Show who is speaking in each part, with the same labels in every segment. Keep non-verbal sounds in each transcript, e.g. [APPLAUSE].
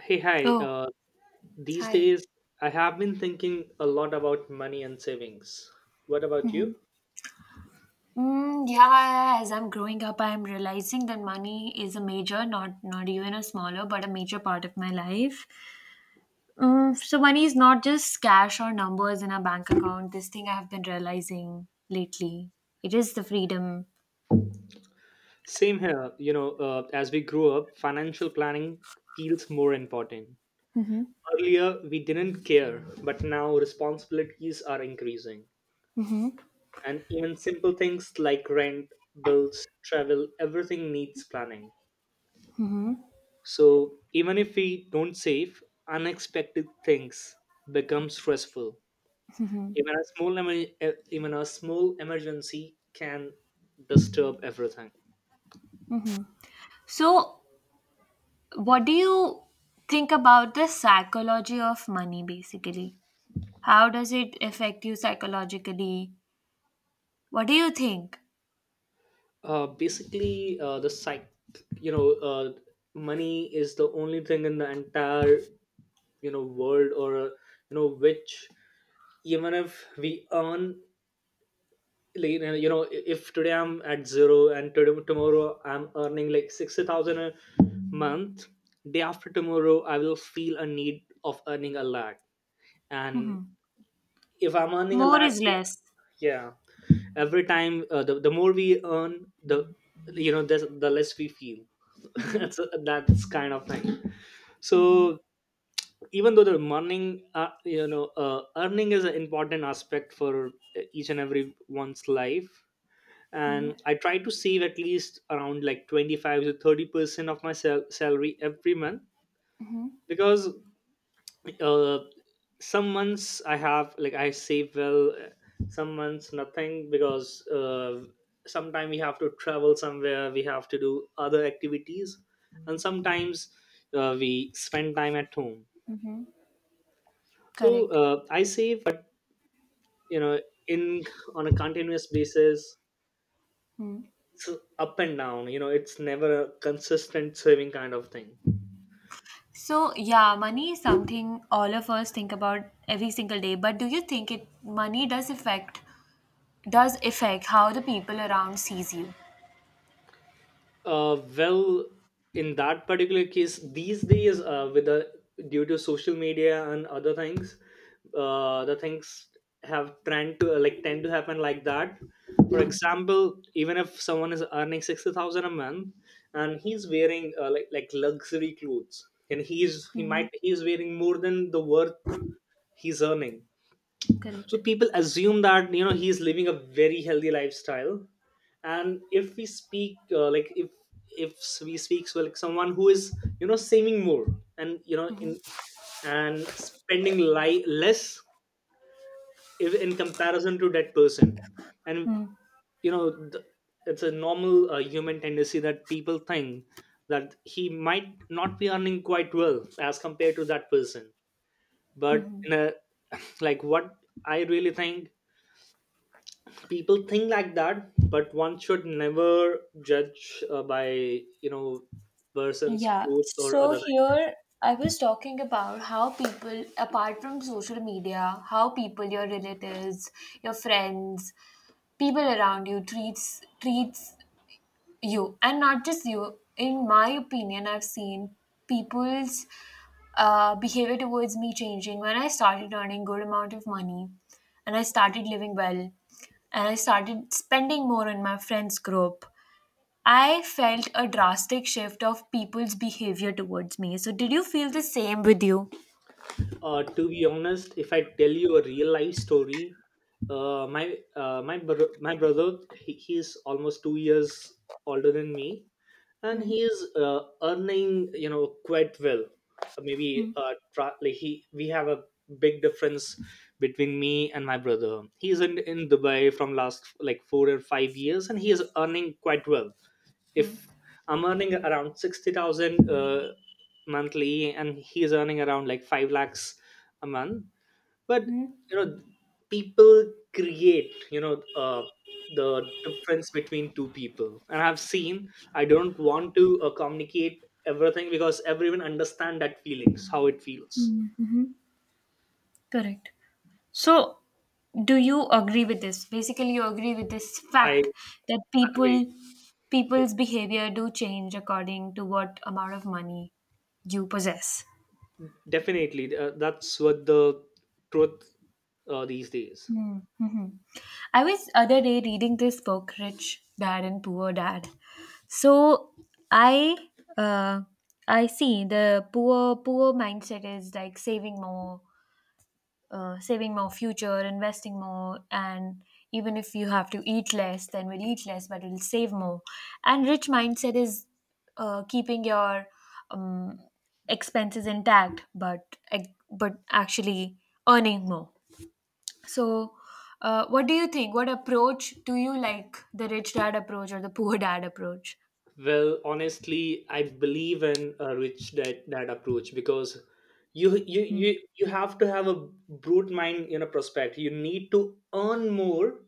Speaker 1: Hey, hi.
Speaker 2: Oh,
Speaker 1: These
Speaker 2: hi.
Speaker 1: days, I have been thinking a lot about money and savings. What about
Speaker 2: Mhm.
Speaker 1: you?
Speaker 2: Yeah, as I'm growing up, I'm realizing that money is a major, not even a smaller, but a major part of my life. Mm, so money is not just cash or numbers in a bank account. This thing I have been realizing lately. It is the freedom.
Speaker 1: Same here. You know, as we grew up, financial planning feels more important.
Speaker 2: Hmm.
Speaker 1: Earlier, we didn't care, but now responsibilities are increasing. And even simple things like rent, bills, travel, everything needs planning.
Speaker 2: Hmm.
Speaker 1: So, even if we don't save, unexpected things become stressful. Even a small emergency can disturb everything.
Speaker 2: So, what do you think about the psychology of money, basically? How does it affect you psychologically? What do you think?
Speaker 1: Basically, the psych, you know, uh, money is the only thing in the entire world, or which even if we earn, if today I'm at zero and today tomorrow I'm earning like 60,000 a month, day after tomorrow I will feel a need of earning a lakh, and
Speaker 2: Hmm.
Speaker 1: if I'm earning a
Speaker 2: More
Speaker 1: lakh,
Speaker 2: is less.
Speaker 1: yeah, every time the more we earn, the you know the less we feel. [LAUGHS]
Speaker 2: Mhm,
Speaker 1: that's that's kind of thing,
Speaker 2: mhm,
Speaker 1: so even though the morning earning is an important aspect for each and every one's life,
Speaker 2: mhm.
Speaker 1: and I try to save at least around like 25 to 30% of my salary every month, because uh, some months I have like I save well, some months nothing because sometimes we have to travel somewhere, we have to do other activities, and sometimes we spend time at home. So
Speaker 2: Correct.
Speaker 1: I save, but you know, in on a continuous basis,
Speaker 2: Mm.
Speaker 1: so up and down. You know, it's never a consistent saving kind of thing.
Speaker 2: So, yeah, money is something all of us think about every single day. But do you think it money does affect, does affect how the people around sees you?
Speaker 1: Well, in that particular case, these days, with the due to social media and other things, the things have trend to like tend to happen like that. For example, even if someone is earning 60,000 a month and he's wearing like luxury clothes, and he's he
Speaker 2: Mm-hmm.
Speaker 1: might he's wearing more than the worth he's earning, so
Speaker 2: Correct.
Speaker 1: people assume that you know he's living a very healthy lifestyle. And if we speak, so like someone who is you know saving more and you know
Speaker 2: Mm-hmm.
Speaker 1: in and less, if, in comparison to that person, and you know th- it's a normal human tendency that people think that he might not be earning quite well as compared to that person, but
Speaker 2: Mm-hmm.
Speaker 1: in a [LAUGHS] like what I really think, people think like that, but one should never judge by you know person's
Speaker 2: Yeah.
Speaker 1: clothes or
Speaker 2: So
Speaker 1: other.
Speaker 2: here I was talking about how people, apart from social media, how people, your relatives, your friends, people around you treats you. And not just you, in my opinion, I've seen people's behavior towards me changing when I started earning good amount of money, and I started living well, and I started spending more on my friends group. I felt a drastic shift of people's behavior towards me. So did you feel the same with you?
Speaker 1: To be honest, if I tell you a real life story, my brother, he's almost 2 years older than me, and he's earning you know quite well. Maybe tra- like he we have a big difference between me and my brother. He's in Dubai from last like 4 or 5 years, and he is earning quite well. If I'm earning around 60,000 monthly and he's earning around like 5 lakhs a month, but you know people create you know uh, the difference between two people, and I've seen, I don't want to communicate everything because everyone understand that feelings, how it feels.
Speaker 2: Correct. So, do you agree with this? Basically, you agree with this
Speaker 1: I
Speaker 2: fact that
Speaker 1: agree. Yeah,
Speaker 2: people's behavior do change according to what amount of money you possess.
Speaker 1: definitely, that's what the truth these days.
Speaker 2: Mm-hmm. I was other day reading this book, Rich Dad and Poor Dad. So I uh, I see the poor mindset is like saving more, saving more, future, investing more, and even if you have to eat less, then we'll eat less, but we'll save more. And rich mindset is keeping your um, expenses intact, but actually earning more. So what do you think? What approach do you like, the rich dad approach or the poor dad approach?
Speaker 1: Well, honestly, I believe in a rich that approach, because you have to have a brute mind in a prospect. You need to earn more,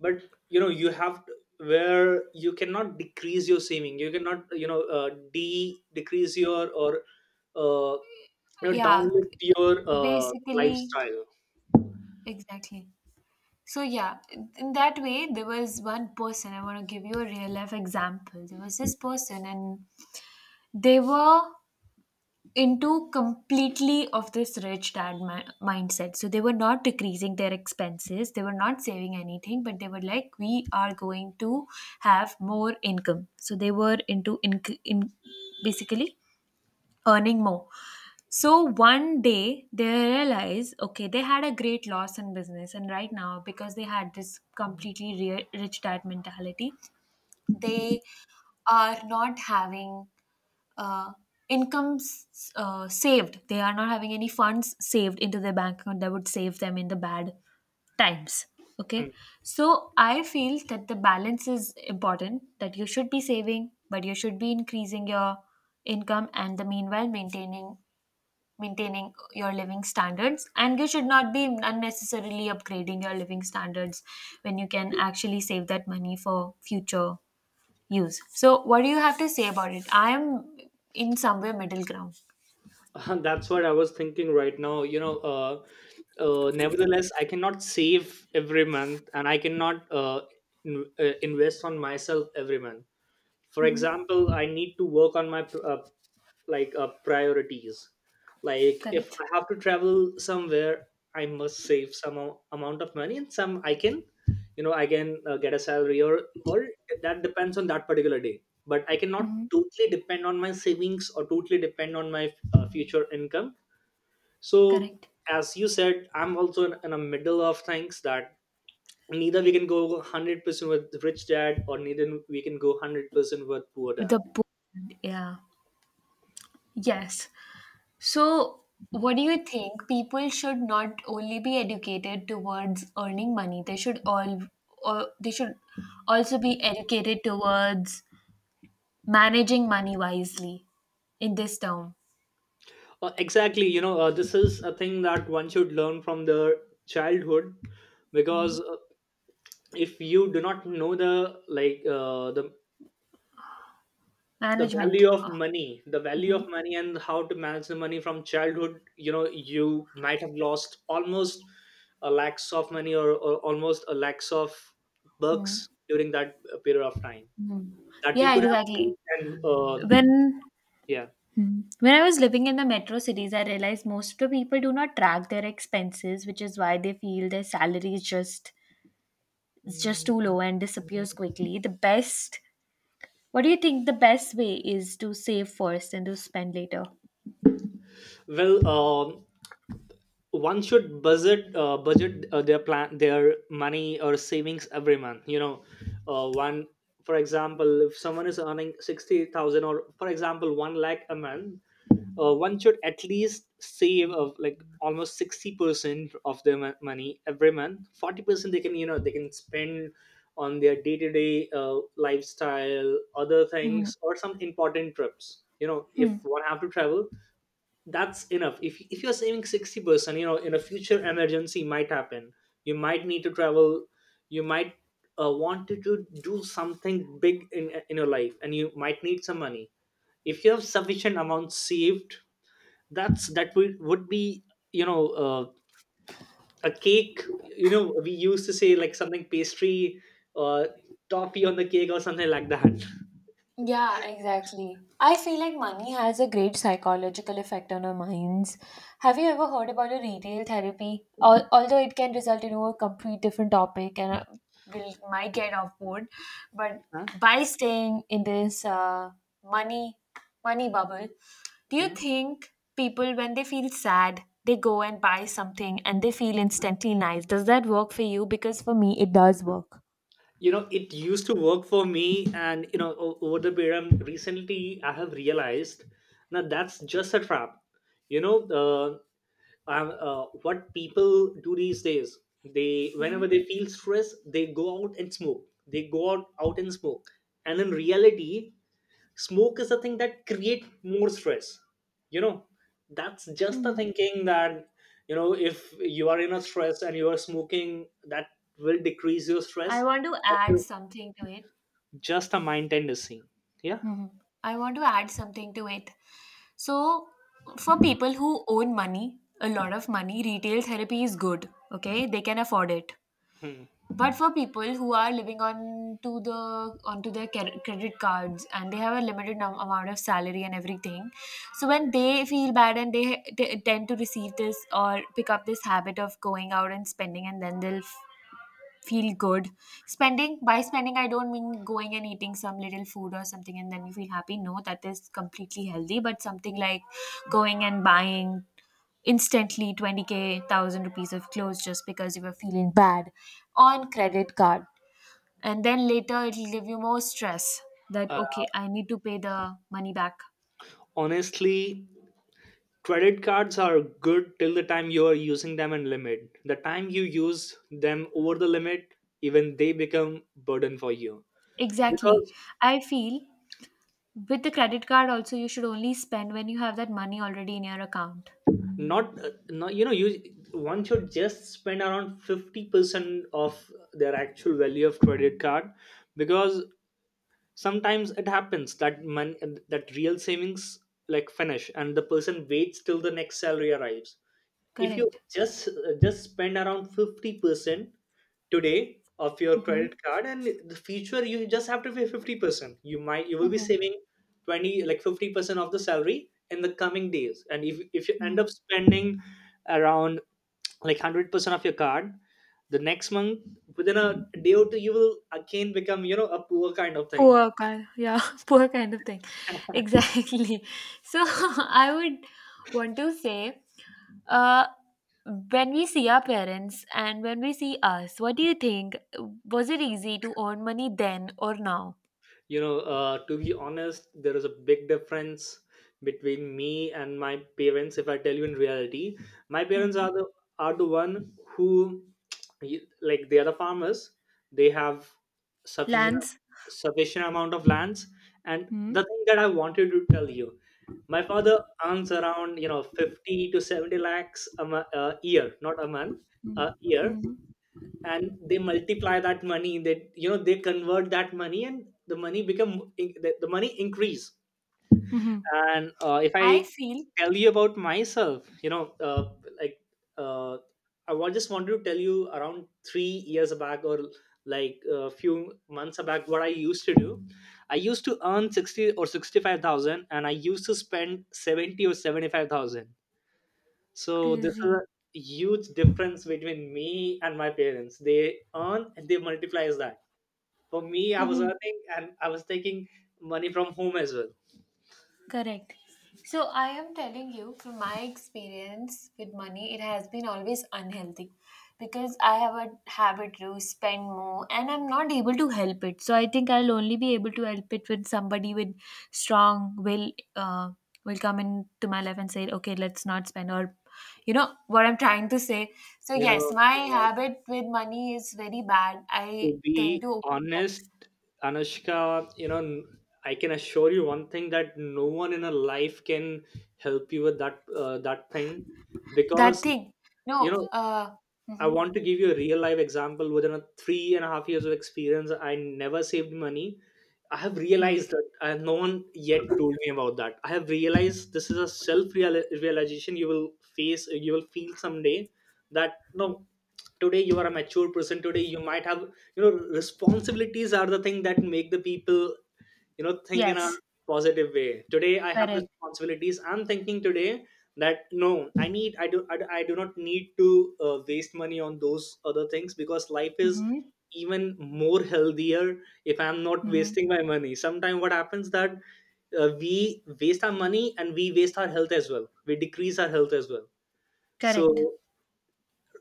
Speaker 1: but you know you have to, where you cannot decrease your saving. You cannot you know de decrease your or uh, you know
Speaker 2: Yeah,
Speaker 1: downlift your
Speaker 2: basically,
Speaker 1: lifestyle.
Speaker 2: exactly. So yeah, in that way, there was one person. I want to give you a real life example. There was this person, and they were into completely of this rich dad mindset. So they were not decreasing their expenses. They were not saving anything, but they were like, "We are going to have more income." So they were in basically earning more. So one day they realize, okay, they had a great loss in business, and right now because they had this completely rich dad mentality, they are not having uh, incomes saved. They are not having any funds saved into their bank account that would save them in the bad times. Okay, so I feel that the balance is important. That you should be saving, but you should be increasing your income and the meanwhile maintaining your living standards, and you should not be unnecessarily upgrading your living standards when you can actually save that money for future use. So what do you have to say about it? I am in somewhere middle ground.
Speaker 1: [LAUGHS] That's what I was thinking right now. Nevertheless, I cannot save every month, and I cannot invest on myself every month. For
Speaker 2: Mm-hmm.
Speaker 1: example, I need to work on my priorities, like if
Speaker 2: Correct.
Speaker 1: I have to travel somewhere, I must save some amount of money and some I can you know I can get a salary or that depends on that particular day, but I cannot
Speaker 2: Mm-hmm.
Speaker 1: totally depend on my savings or totally depend on my future income. So
Speaker 2: Correct.
Speaker 1: as you said, I'm also in a middle of things, that neither we can go 100% with rich dad or neither we can go 100% with poor dad.
Speaker 2: The board, yeah. Yes. So what do you think? People should not only be educated towards earning money, they should all, or they should also be educated towards managing money wisely in this term.
Speaker 1: Exactly. You know, this is a thing that one should learn from their childhood, because
Speaker 2: Mhm.
Speaker 1: if you do not know the the
Speaker 2: Management.
Speaker 1: value of
Speaker 2: Ah,
Speaker 1: money, the value of
Speaker 2: mhm,
Speaker 1: money, and how to manage the money from childhood, you know, you might have lost almost a lakhs of money, or almost a lakhs of
Speaker 2: mhm,
Speaker 1: bucks during that period of time
Speaker 2: mhm.
Speaker 1: that you
Speaker 2: Yeah,
Speaker 1: could have
Speaker 2: exactly.
Speaker 1: seen, and
Speaker 2: When
Speaker 1: yeah.
Speaker 2: mhm, when I was living in the metro cities, I realized most of the people do not track their expenses, which is why they feel their salary is just too low and disappears quickly. The best, what do you think the best way is, to save first and to spend later?
Speaker 1: Well, um, one should budget their money or savings every month, you know. One For example, if someone is earning 60,000 or for example 1 lakh a month, one should at least save of like almost 60% of their money every month. 40% they can you know they can spend on their day-to-day lifestyle, other things, or some important trips, you know, if
Speaker 2: Mhm.
Speaker 1: one have to travel. That's enough. If you're saving 60%, you know, in a future emergency might happen, you might need to travel, you might want to do something big in your life, and you might need some money. If you have sufficient amount saved, that's that would be you know a cake, you know, we used to say like something pastry, uh, toffee on the cake or something like that.
Speaker 2: Yeah, exactly. I feel like money has a great psychological effect on our minds. Have you ever heard about a retail therapy? Although it can result in a complete different topic and will might get off board, but
Speaker 1: Huh?
Speaker 2: by staying in this money money bubble, do you
Speaker 1: Huh?
Speaker 2: think people when they feel sad they go and buy something and they feel instantly nice? Does that work for you? Because for me, it does work.
Speaker 1: You know, it used to work for me, and you know over the period, recently I have realized that that's just a trap, you know. uh, what people do these days, they whenever they feel stress they go out and smoke, they go out and smoke, and in reality smoke is a thing that create more stress, you know. That's just the
Speaker 2: Hmm.
Speaker 1: thinking that you know if you are in a stress and you are smoking that will decrease your stress,
Speaker 2: I want to add something to it.
Speaker 1: just a mind tendency. Yeah.
Speaker 2: Mhm. I want to add something to it. So, for people who own money, a lot of money, retail therapy is good. Okay, they can afford it.
Speaker 1: Hmm.
Speaker 2: But for people who are living on to the onto their credit cards and they have a limited amount of salary and everything, so when they feel bad and they tend to receive this or pick up this habit of going out and spending, and then they'll feel good. Spending, by spending, I don't mean going and eating some little food or something and then you feel happy. No, that is completely healthy. But something like going and buying instantly 20k thousand rupees of clothes just because you were feeling bad on credit card, and then later it'll give you more stress that,
Speaker 1: Uh,
Speaker 2: okay, I need to pay the money back.
Speaker 1: Honestly, credit cards are good till the time you are using them in limit. The time you use them over the limit, even they become burden for you,
Speaker 2: Exactly.
Speaker 1: because
Speaker 2: I feel with the credit card also you should only spend when you have that money already in your account.
Speaker 1: not, not you know you, one should just spend around 50% of their actual value of credit card, because sometimes it happens that man, that real savings like finish and the person waits till the next salary arrives. If you
Speaker 2: Correct.
Speaker 1: just spend around 50% today of your credit
Speaker 2: Mm-hmm.
Speaker 1: card and the future you just have to pay 50%, you might, you will be
Speaker 2: Mm-hmm.
Speaker 1: saving 20 like 50% of the salary in the coming days. And if you end up spending around like 100% of your card the next month, within a day or two you will again become you know a poor kind of thing.
Speaker 2: Poor kind, yeah, [LAUGHS] poor kind of thing. [LAUGHS] Exactly. So [LAUGHS] I would want to say, uh, when we see our parents and when we see us, what do you think? Was it easy to earn money then or now?
Speaker 1: You know, to be honest, there is a big difference between me and my parents. If I tell you in reality, my parents
Speaker 2: Mm-hmm.
Speaker 1: are the one who like they are the farmers, they have sufficient
Speaker 2: Lance,
Speaker 1: sufficient amount of lands, and
Speaker 2: mm-hmm.
Speaker 1: the thing that I wanted to tell you, my father earns around you know 50 to 70 lakhs a year, not a month, a year. And they multiply that money, that you know they convert that money and the money become the money increase.
Speaker 2: Mm-hmm.
Speaker 1: And if
Speaker 2: I
Speaker 1: I
Speaker 2: feel
Speaker 1: tell you about myself, you know, like uh, just wanted to tell you, around 3 years back or like a few months back, what I used to do, I used to earn 60 or 65,000 and I used to spend 70 or 75,000. So this is
Speaker 2: crazy.
Speaker 1: a huge difference between me and my parents. They earn and they multiply that. For me, I was
Speaker 2: Hmm.
Speaker 1: earning and I was taking money from home as well.
Speaker 2: Correct. So I am telling you from my experience with money, it has been always unhealthy because I have a habit to spend more and I'm not able to help it. So I think I'll only be able to help it when somebody with strong will come into my life and say, okay, let's not spend, or you know what I'm trying to say. So
Speaker 1: You
Speaker 2: yes,
Speaker 1: know,
Speaker 2: my
Speaker 1: uh,
Speaker 2: habit with money is very bad. I
Speaker 1: to
Speaker 2: tend
Speaker 1: be
Speaker 2: to
Speaker 1: honest, Anushka, I can assure you one thing, that no one in a life can help you with that thing,
Speaker 2: that
Speaker 1: because
Speaker 2: thing.
Speaker 1: you
Speaker 2: No,
Speaker 1: know I
Speaker 2: mhm.
Speaker 1: want to give you a real life example. Within a three and a half years of experience, I never saved money. I have
Speaker 2: Mm.
Speaker 1: realized that, and no one yet told me about that. I have realized this is a self realization, you will face, you will feel someday that no, today you are a mature person. Today you might have, responsibilities are the thing that make the people think in a
Speaker 2: Yes.
Speaker 1: positive way. Today I have
Speaker 2: Correct.
Speaker 1: responsibilities. I'm thinking today that no, I need I do I, do- I do not need to waste money on those other things because life is
Speaker 2: Mm-hmm.
Speaker 1: even more healthier if I'm not
Speaker 2: Mm-hmm.
Speaker 1: wasting my money. Sometimes what happens that we waste our money and we waste our health as well. We decrease our health as well.
Speaker 2: Correct.
Speaker 1: So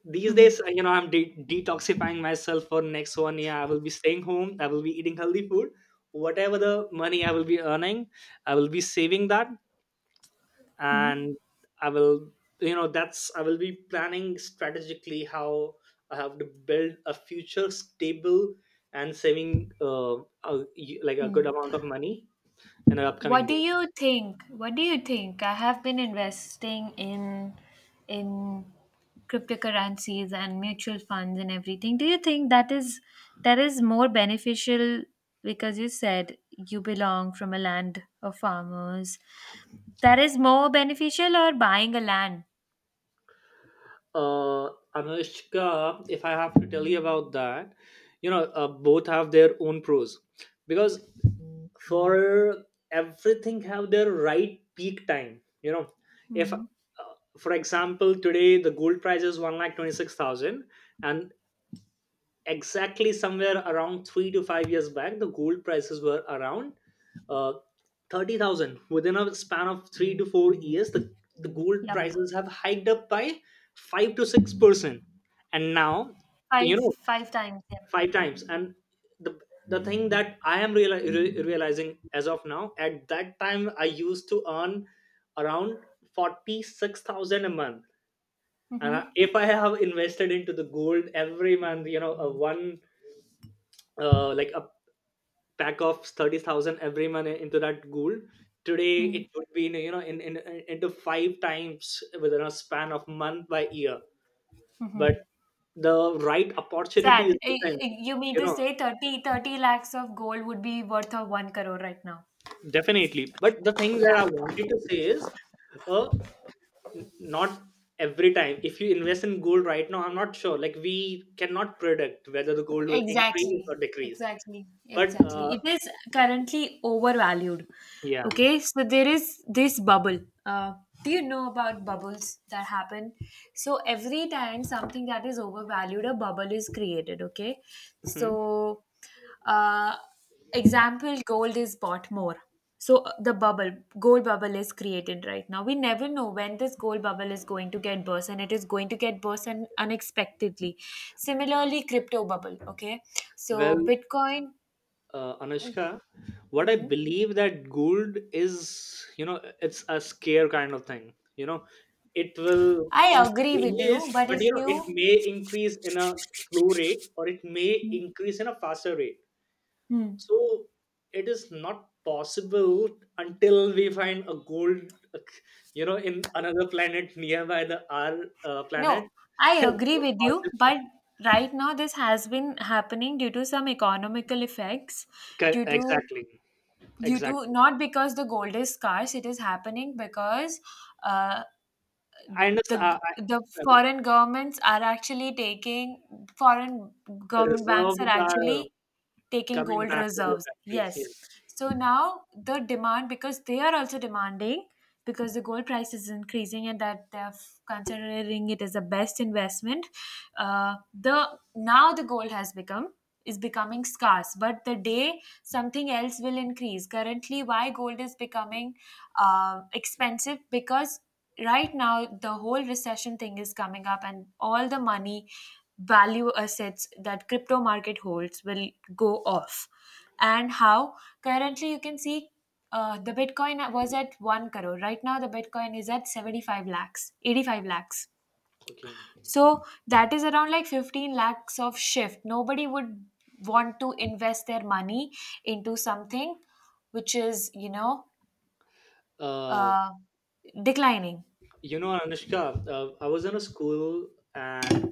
Speaker 1: these
Speaker 2: Mm-hmm.
Speaker 1: days, I'm detoxifying myself for next 1 year. I will be staying home. I will be eating healthy food. Whatever the money I will be earning, I will be saving that.
Speaker 2: Mm-hmm.
Speaker 1: And I will you know that's I will be planning strategically how I have to build a future stable, and saving a, like a good amount of money in the upcoming
Speaker 2: What do
Speaker 1: day.
Speaker 2: you think? What do you think? I have been investing in cryptocurrencies and mutual funds and everything. Do you think that is, that is more beneficial because you said you belong from a land of farmers? That is more beneficial or buying a land?
Speaker 1: uh, Anushka, if I have to tell you about that, both have their own pros because for everything have their right peak time. You know, if
Speaker 2: Mm-hmm.
Speaker 1: for example, today the gold price is 1,26,000, and exactly somewhere around 3 to 5 years back, the gold prices were around uh, 30,000. Within a span of 3 to 4 years, the gold
Speaker 2: Yep.
Speaker 1: prices have hiked up by 5 to 6%. And now, you
Speaker 2: Five,
Speaker 1: know,
Speaker 2: five times. Yep.
Speaker 1: five times. And the, the thing that I am realizing as of now, at that time, I used to earn around 46,000 a month. And
Speaker 2: Mm-hmm.
Speaker 1: if I have invested into the gold every month, you know, a one like a pack of 30,000 every month into that goal. Today it would be in, you know in- into five times within a span of month by year.
Speaker 2: Mm-hmm.
Speaker 1: But the right opportunity is
Speaker 2: Sad. Eh,
Speaker 1: the thing.
Speaker 2: eh, you mean
Speaker 1: you
Speaker 2: to
Speaker 1: know
Speaker 2: say thirty lakhs of gold would be worth of 1 crore right now?
Speaker 1: Definitely. But the thing that I
Speaker 2: Yeah.
Speaker 1: wanted to say is uh, not every time. If you invest in gold right now, I'm not sure, like we cannot predict whether the gold will increase
Speaker 2: Exactly.
Speaker 1: or decrease.
Speaker 2: Exactly.
Speaker 1: But
Speaker 2: Exactly. It is currently overvalued.
Speaker 1: yeah.
Speaker 2: Okay, so there is this bubble. Uh, do you know about bubbles that happen? So every time something that is overvalued, a bubble is created. Okay,
Speaker 1: Mhm.
Speaker 2: so uh, example, gold is bought more. So the bubble, gold bubble is created right now. We never know when this gold bubble is going to get burst, and it is going to get burst unexpectedly. Similarly, crypto bubble. Okay, so
Speaker 1: Well,
Speaker 2: Bitcoin.
Speaker 1: Anushka, what I believe that gold is, it's a scare kind of thing. It will
Speaker 2: I agree with you,
Speaker 1: increase,
Speaker 2: but
Speaker 1: but
Speaker 2: if
Speaker 1: it
Speaker 2: you,
Speaker 1: may increase in a slow rate, or it may increase in a faster rate.
Speaker 2: hmm,
Speaker 1: So it is not possible until we find a gold, in another planet nearby the our
Speaker 2: no,
Speaker 1: planet. [LAUGHS]
Speaker 2: I
Speaker 1: It's
Speaker 2: agree
Speaker 1: not
Speaker 2: with you, but
Speaker 1: possible.
Speaker 2: right now this has been happening due to some economical effects, due to,
Speaker 1: Exactly.
Speaker 2: due to,
Speaker 1: Exactly.
Speaker 2: not because the gold is scarce, it is happening because uh,
Speaker 1: I
Speaker 2: the
Speaker 1: understand.
Speaker 2: the foreign governments are actually taking foreign government banks are
Speaker 1: Reserves are
Speaker 2: actually taking
Speaker 1: coming
Speaker 2: gold
Speaker 1: back to their
Speaker 2: reserves.
Speaker 1: country. Yeah.
Speaker 2: Yes. So now the demand, because they are also demanding because the gold price is increasing and that they're considering it as the best investment. Uh, the now the gold has become, is becoming scarce, but the day something else will increase. Currently, why gold is becoming expensive, because right now the whole recession thing is coming up and all the money value assets that crypto market holds will go off. And how currently you can see the bitcoin was at 1 crore, right now the bitcoin is at 75 lakhs, 85 lakhs,
Speaker 1: Okay.
Speaker 2: so that is around like 15 lakhs of shift. Nobody would want to invest their money into something which is, you know,
Speaker 1: Uh,
Speaker 2: uh, declining.
Speaker 1: Anushka, I was in a school, and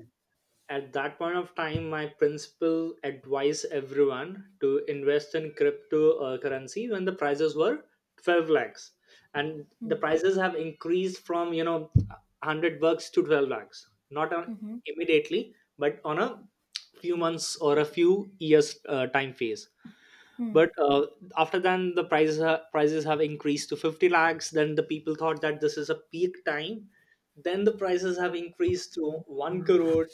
Speaker 1: at that point of time, my principal advised everyone to invest in cryptocurrency when the prices were 12 lakhs. And the prices have increased from, 100 bucks to 12 lakhs. Not on immediately, but on a few months or a few years time phase.
Speaker 2: Mm-hmm.
Speaker 1: But after then the prices have increased to 50 lakhs. Then the people thought that this is a peak time. Then the prices have increased to 1 crore.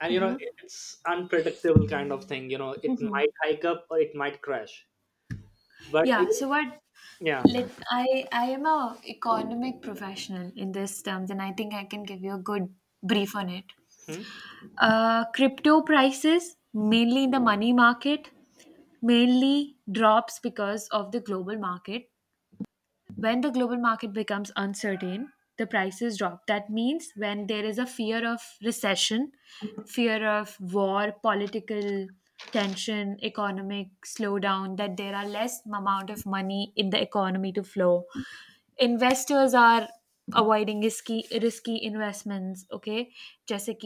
Speaker 1: And
Speaker 2: Mm-hmm.
Speaker 1: it's unpredictable kind of thing. It
Speaker 2: Mm-hmm.
Speaker 1: might hike up or it might crash. But
Speaker 2: Yeah. So what?
Speaker 1: yeah.
Speaker 2: Let I am a economic professional in this terms, and I think I can give you a good brief on it.
Speaker 1: Hmm.
Speaker 2: Crypto prices, mainly in the money market, mainly drops because of the global market. When the global market becomes uncertain, the prices drop. That means when there is a fear of recession, fear of war, political tension, economic slowdown, that there are less amount of money in the economy to flow. Investors are avoiding risky investments, okay? just like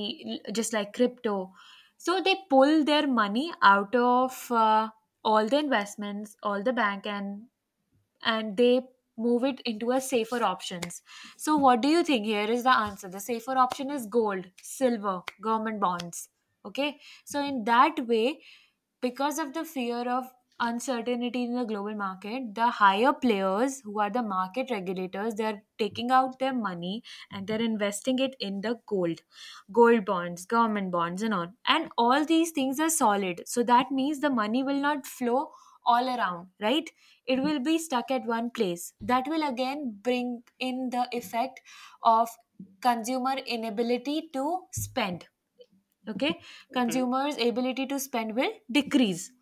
Speaker 2: just like crypto. So they pull their money out of all the investments, all the bank, and they move it into a safer options. So what do you think? Here is the answer: the safer option is gold, silver, government bonds, okay? So in that way, because of the fear of uncertainty in the global market, the higher players, who are the market regulators, they're taking out their money, and they're investing it in the gold, gold bonds, government bonds, and all these things are solid. So that means the money will not flow all around, right? It will be stuck at one place. That will again bring in the effect of consumer inability to spend. Okay,
Speaker 1: Hmm.
Speaker 2: consumers' ability to spend will decrease,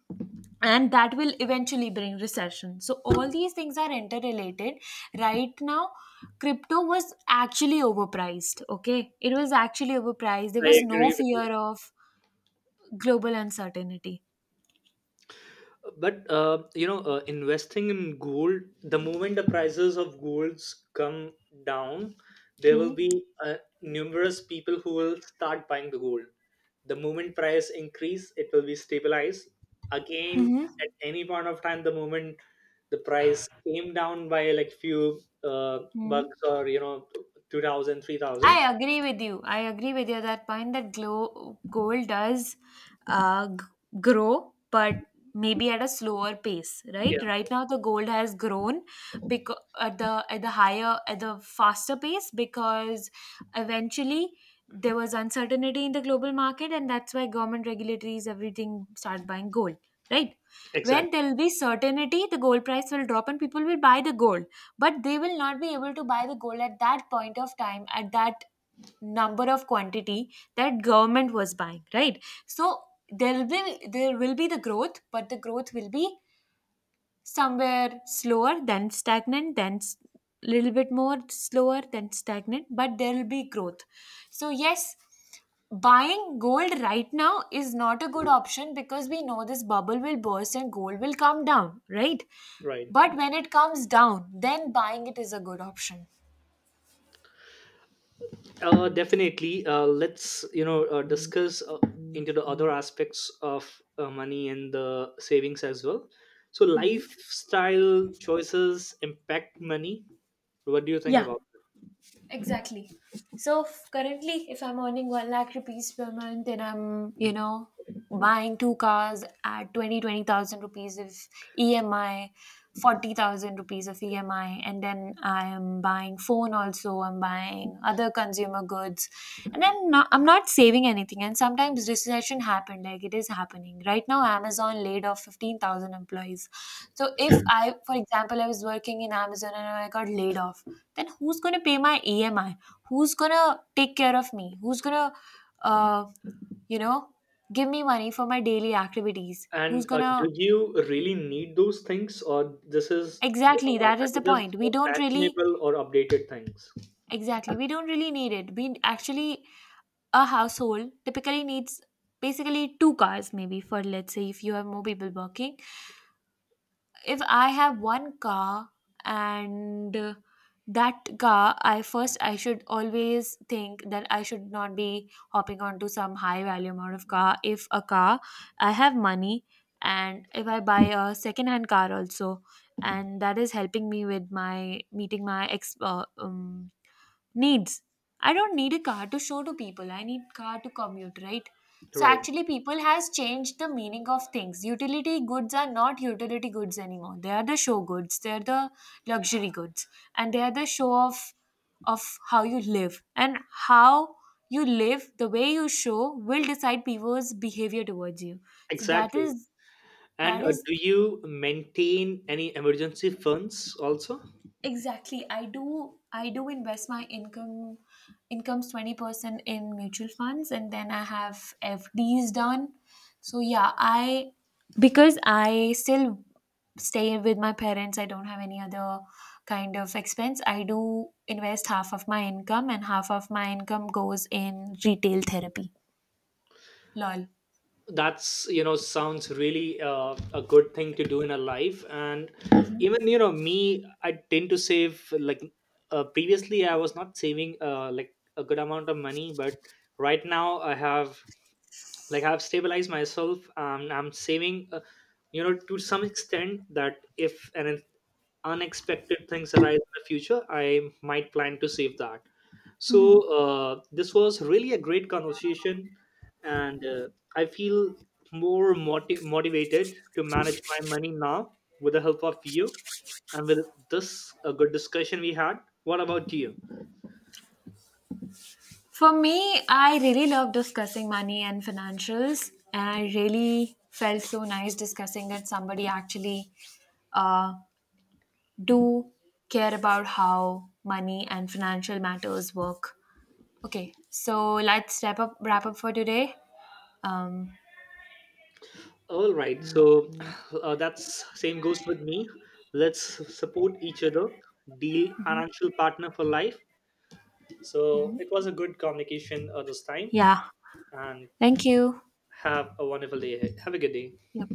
Speaker 2: and that will eventually bring recession. So, all these things are interrelated. Right now, crypto was actually overpriced. Okay, it was actually overpriced, there
Speaker 1: I
Speaker 2: was no
Speaker 1: agree with you,
Speaker 2: fear of global uncertainty.
Speaker 1: but investing in gold, the moment the prices of golds come down, there will
Speaker 2: Hmm.
Speaker 1: be numerous people who will start buying the gold. The moment price increase, it will be stabilized again
Speaker 2: Mm-hmm.
Speaker 1: at any point of time, the moment the price came down by like few bucks or 2,000, 3,000.
Speaker 2: I agree with you. I agree with you at that point, that gold does uh, g- grow, but maybe at a slower pace,
Speaker 1: Yeah.
Speaker 2: right? Right now, the gold has grown because at the faster pace, because eventually there was uncertainty in the global market, and that's why government regulatories, everything, start buying gold, right? When
Speaker 1: Exactly.
Speaker 2: there will be certainty, the gold price will drop, and people will buy the gold, but they will not be able to buy the gold at that point of time, at that number of quantity that government was buying, right? So there will be the growth, but the growth will be somewhere slower then stagnant, little bit more slower then stagnant, but there will be growth. So yes, buying gold right now is not a good option, because we know this bubble will burst and gold will come down, right?
Speaker 1: Right.
Speaker 2: But when it comes down, then buying it is a good option.
Speaker 1: Definitely. Let's discuss into the other aspects of money and the savings as well. So lifestyle choices impact money. What do you think
Speaker 2: Yeah.
Speaker 1: about it?
Speaker 2: Exactly. So currently, if I'm earning one lakh rupees per month, then I'm buying two cars at twenty thousand rupees of EMI, 40,000 rupees of EMI, and then I am buying phone also. I'm buying other consumer goods, and I'm not saving anything. And sometimes recession happened, like it is happening right now. Amazon laid off 15,000 employees. So if I, for example, I was working in Amazon and I got laid off, then who's going to pay my EMI? Who's going to take care of me? Who's going to uh, you know give me money for my daily activities? Who's
Speaker 1: And
Speaker 2: going to—
Speaker 1: do you really need those things, or this is
Speaker 2: exactly, that
Speaker 1: that
Speaker 2: is the
Speaker 1: is just
Speaker 2: point, we
Speaker 1: for
Speaker 2: don't really—
Speaker 1: fashionable or updated things?
Speaker 2: exactly, we don't really need it. We actually— a household typically needs basically two cars, maybe. For, let's say, if you have more people working, if I have one car, and that car, I— first, I should always think that I should not be hopping onto some high value amount of car. If a car, I have money, and if I buy a second hand car also, and that is helping me with my meeting my ex needs. I don't need a car to show to people. I need car to commute, right? So
Speaker 1: Right.
Speaker 2: actually, people has changed the meaning of things. Utility goods are not utility goods anymore. They are the show goods. They are the luxury goods. And they are the show of how you live, and how you live, the way you show, will decide people's behavior towards you. So that
Speaker 1: Exactly.
Speaker 2: is,
Speaker 1: And
Speaker 2: that is—
Speaker 1: do you maintain any emergency funds also?
Speaker 2: Exactly. I do invest my income's 20% in mutual funds, and then I have FDs done. So yeah, I because I still stay with my parents, I don't have any other kind of expense. I do invest half of my income, and half of my income goes in retail therapy. Lol.
Speaker 1: That's, sounds really a good thing to do in a life. And even, me, I tend to save, like previously I was not saving like a good amount of money, but right now I have like I've stabilized myself, and I'm saving to some extent that if an unexpected things arise in the future, I might plan to save that. So this was really a great conversation. And I feel more motivated to manage my money now, with the help of you, and with this a good discussion we had. What about you?
Speaker 2: For me, I really love discussing money and financials, and I really felt so nice discussing it. Somebody actually uh, do care about how money and financial matters work. Okay, so let's wrap up for today. Um,
Speaker 1: All right, so [SIGHS] that's same goes with me. Let's support each other, deal financial partner for life. So it was a good communication this time,
Speaker 2: yeah,
Speaker 1: and
Speaker 2: thank you.
Speaker 1: have a wonderful day ahead. Have a good day.
Speaker 2: Yep.